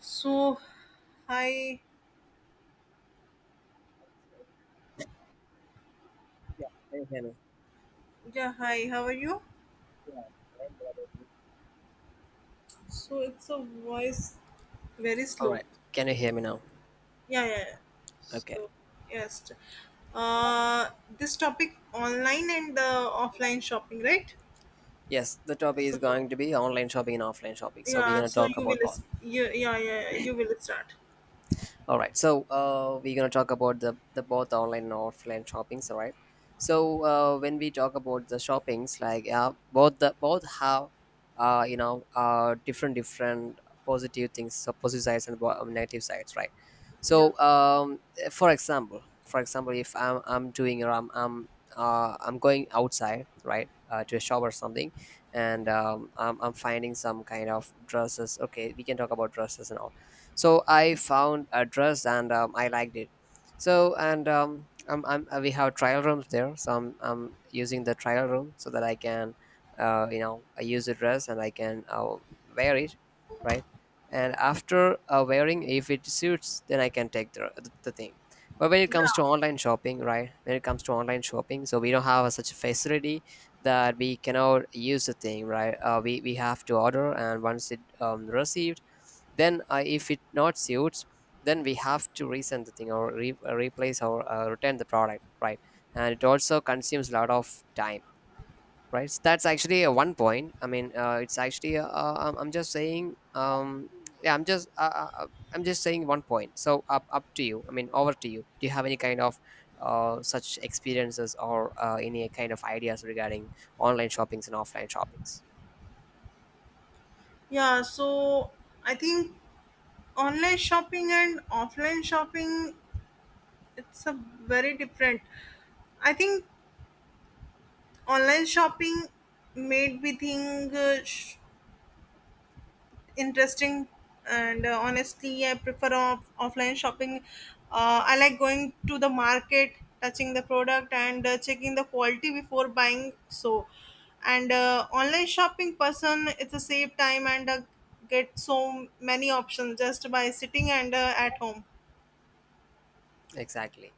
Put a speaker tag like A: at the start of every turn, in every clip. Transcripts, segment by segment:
A: So, hi,
B: Yeah, can you hear me?
A: yeah, hi, how are you?
B: Yeah.
A: So, it's a voice very
B: All
A: slow.
B: right. Can you hear me now?
A: Yeah, yeah, yeah.
B: Okay.
A: So, yes. Uh, this topic online and offline shopping, right?
B: Yes, the topic is
A: So,
B: going to be online shopping and offline shopping. So we're
A: yeah,
B: going to
A: so
B: talk
A: you will,
B: about both.
A: s- you, yeah, yeah, you will start.
B: All right, so we're gonna talk about the both online and offline shoppings, all right? So when we talk about the shoppings, like, yeah, both have different positive things, so positive sides and negative sides, right?
A: Yeah,
B: So for example, if I'm doing or I'm going outside, right, to a shop or something, and I'm finding some kind of dresses. Okay, we can talk about dresses and all. So I found a dress and I liked it. So, and we have trial rooms there, so I'm using the trial room so that I can I use the dress and I can wear it, right. And after wearing, if it suits, then I can take the thing. But when it comes to
A: yeah,
B: online shopping, right, when it comes to online shopping so we don't have such a facility that we cannot use the thing, right. We have to order, and once it received, then if it not suits, then we have to resend the thing or replace or return the product, right. And it also consumes a lot of time, right. So that's actually a one point. I mean, it's actually, I'm just saying, yeah, I'm just saying one point. So up to you. I mean, over to you. Do you have any kind of such experiences or any kind of ideas regarding online shoppings and offline shoppings?
A: yeah. So, I think online shopping and offline shopping, it's a very different. I think online shopping made me think interesting and honestly I prefer offline shopping. I like going to the market, touching the product and checking the quality before buying. So and online shopping person it's a save time and get so many options just by sitting and at home.
B: Exactly.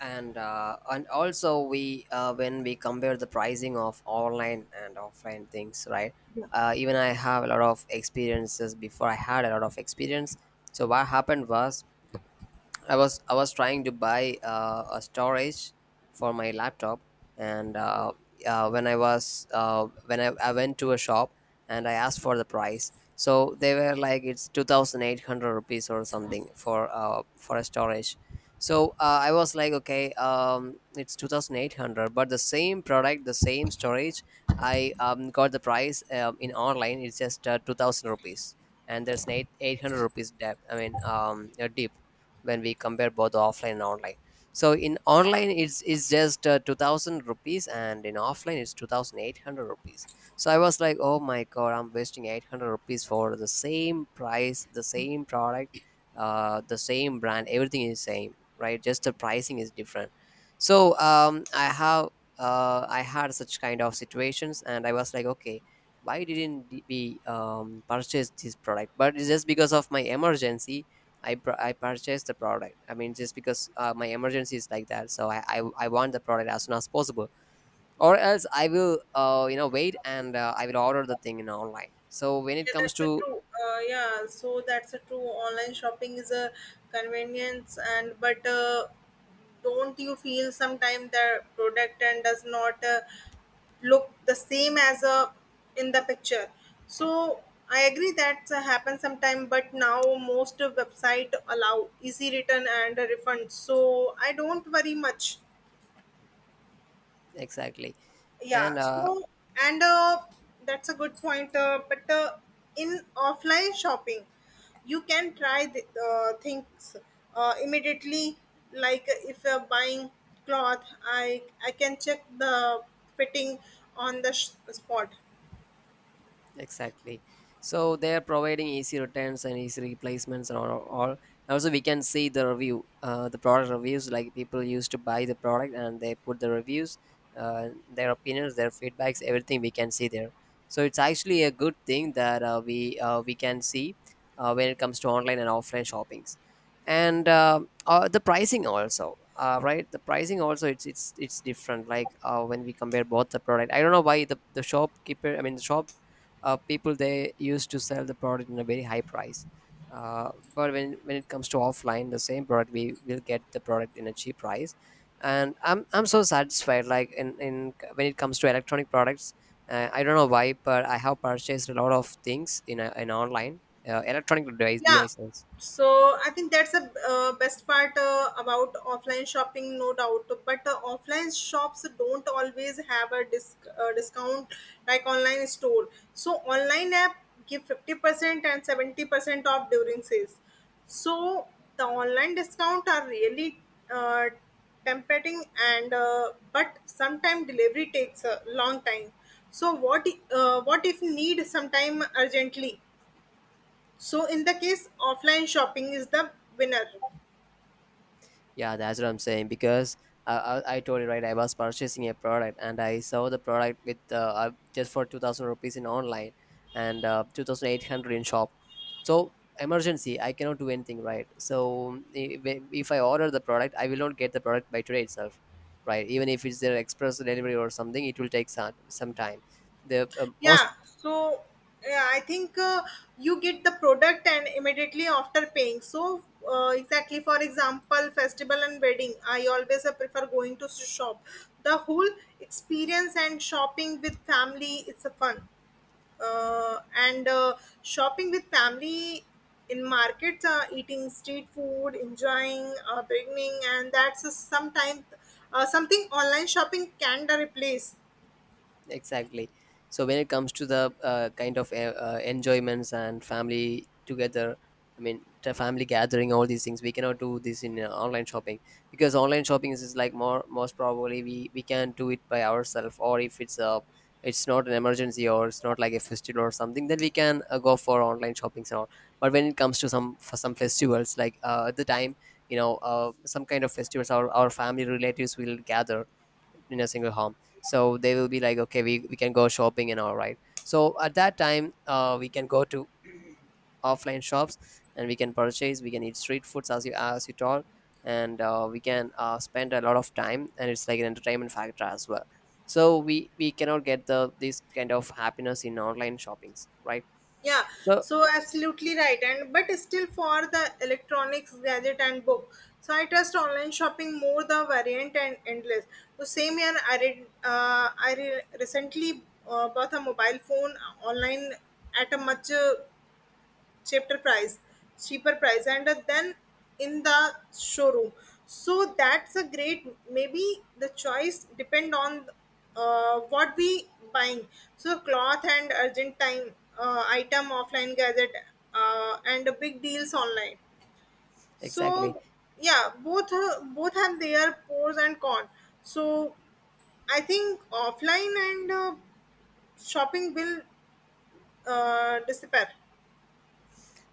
B: And also we, when we compare the pricing of online and offline things, right. Even I have a lot of experiences. Before, I had a lot of experience, so what happened was, I was trying to buy a storage for my laptop, and when I was, when I went to a shop and I asked for the price. So they were like, it's 2,800 rupees or something, for a storage. So I was like, okay, it's 2,800, but the same product, the same storage, I got the price in online. It's just 2,000 rupees, and there's an eight eight hundred rupees debt. I mean, a dip, when we compare both offline and online. So in online, it's just 2000 rupees, and in offline it's 2800 rupees. So I was like, oh my god, I'm wasting 800 rupees for the same price, the same product, the same brand. Everything is same, right. Just the pricing is different. So I had such kind of situations, and I was like, okay, why didn't we purchase this product? But it's just because of my emergency, I purchased the product. I mean, just because my emergency is like that, so I want the product as soon as possible, or else I will wait, and I will order the thing in online. So when it
A: Yeah,
B: comes
A: that's a
B: to,
A: true. Yeah, so that's a true. Online shopping is a convenience, and but don't you feel sometimes the product and does not look the same as a in the picture? So I agree that happens sometime, but now most website allow easy return and refund, so I don't worry much.
B: exactly. And
A: Yeah, so and that's a good point, but in offline shopping you can try the things immediately. Like if you're buying cloth, I can check the fitting on the spot.
B: Exactly. So they are providing easy returns and easy replacements and all. Also, we can see the review, the product reviews. Like, people used to buy the product and they put the reviews, their opinions, their feedbacks, everything we can see there. So it's actually a good thing that we can see, when it comes to online and offline shoppings, and the pricing also. Right, the pricing also, it's different. Like, when we compare both the product, I don't know why the shopkeeper, I mean the shop people, they used to sell the product in a very high price. But when it comes to offline, the same product, we will get the product in a cheap price. And I'm so satisfied, like, in when it comes to electronic products, I don't know why, but I have purchased a lot of things in in online, electronic
A: Yeah,
B: devices.
A: so I think that's the best part about offline shopping, no doubt. But offline shops don't always have a discount like online store. So online app give 50% and 70% off during sales. So the online discount are really uh, tempting, and but sometimes delivery takes a long time. So what if need sometime urgently? So in the case, offline shopping is the winner.
B: Yeah, that's what I'm saying, because I told you, right. I was purchasing a product and I saw the product with just for 2,000 rupees in online, and 2,800 in shop. So emergency, I cannot do anything, right. So if I order the product, I will not get the product by today itself, right? Even if it's their express delivery or something, it will take some time. The most,
A: Yeah. So yeah, I think you get the product and immediately after paying. So exactly, for example, festival and wedding. I always prefer going to shop. The whole experience and shopping with family, it's a fun. And Shopping with family in markets, eating street food, enjoying beginning, and that's a sometimes something online shopping can da replace.
B: exactly. So when it comes to the kind of enjoyments and family together, I mean, the family gathering, all these things we cannot do this in online shopping, because online shopping is like more, most probably we can do it by ourselves. Or if it's a, it's not an emergency or it's not like a festival or something, then we can go for online shopping and all. But when it comes to some for some festivals, like, at the time, some kind of festivals, our family relatives will gather in a single home, so they will be like, okay, we can go shopping and all, right. So at that time we can go to offline shops, and we can purchase, we can eat street foods, as you told. And we can spend a lot of time, and it's like an entertainment factor as well. So we cannot get the this kind of happiness in online shoppings, right.
A: Yeah,
B: So
A: so absolutely right, and but still for the electronics, gadget, and book. So I trust online shopping more the variant and endless. So same year I read, recently bought a mobile phone online at a much. Cheaper price Cheaper price and then in the showroom. So that's a great, maybe the choice depend on what we buying. So cloth and urgent time item offline, gadget and big deals online.
B: exactly,
A: So yeah, both have their pros and cons. So I think offline and shopping will disappear.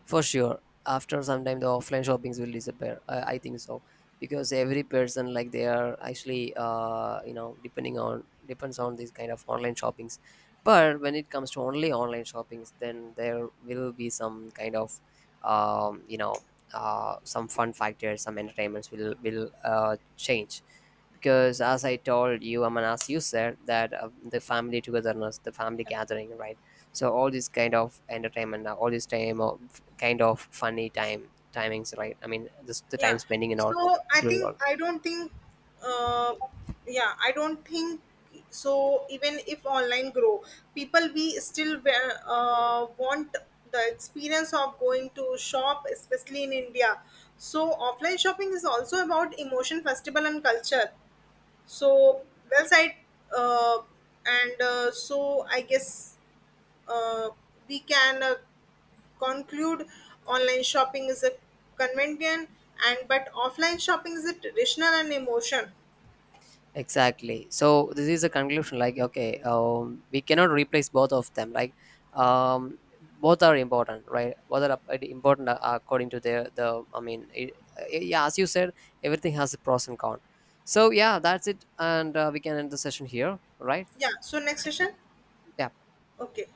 B: for sure, after some time the offline shoppings will disappear, I think so. Because every person, like, they are actually depending on depends on these kind of online shoppings. But when it comes to only online shoppings, then there will be some kind of, um, you know some fun factors, some entertainments will change. Because, as I told you, I mean, as you said that, the family togetherness, the family gathering, right. So all this kind of entertainment, all this time of kind of funny time timings, right, I mean, the
A: Yeah.
B: time spending and all,
A: So I
B: it
A: think
B: will.
A: I don't think uh yeah, I don't think so. Even if online grow, people we still want the experience of going to shop, especially in India. So offline shopping is also about emotion, festival and culture. So well said. Uh, and So I guess uh, we can conclude, online shopping is a convenient, and but offline shopping is a traditional and emotion.
B: Exactly. So this is a conclusion. Like, okay, we cannot replace both of them. Like, um, both are important, right? Both are important according to their the. I mean, yeah, as you said, everything has a pros and cons. So yeah, that's it, and we can end the session here, right?
A: Yeah. So next
B: Like,
A: session.
B: yeah.
A: Okay.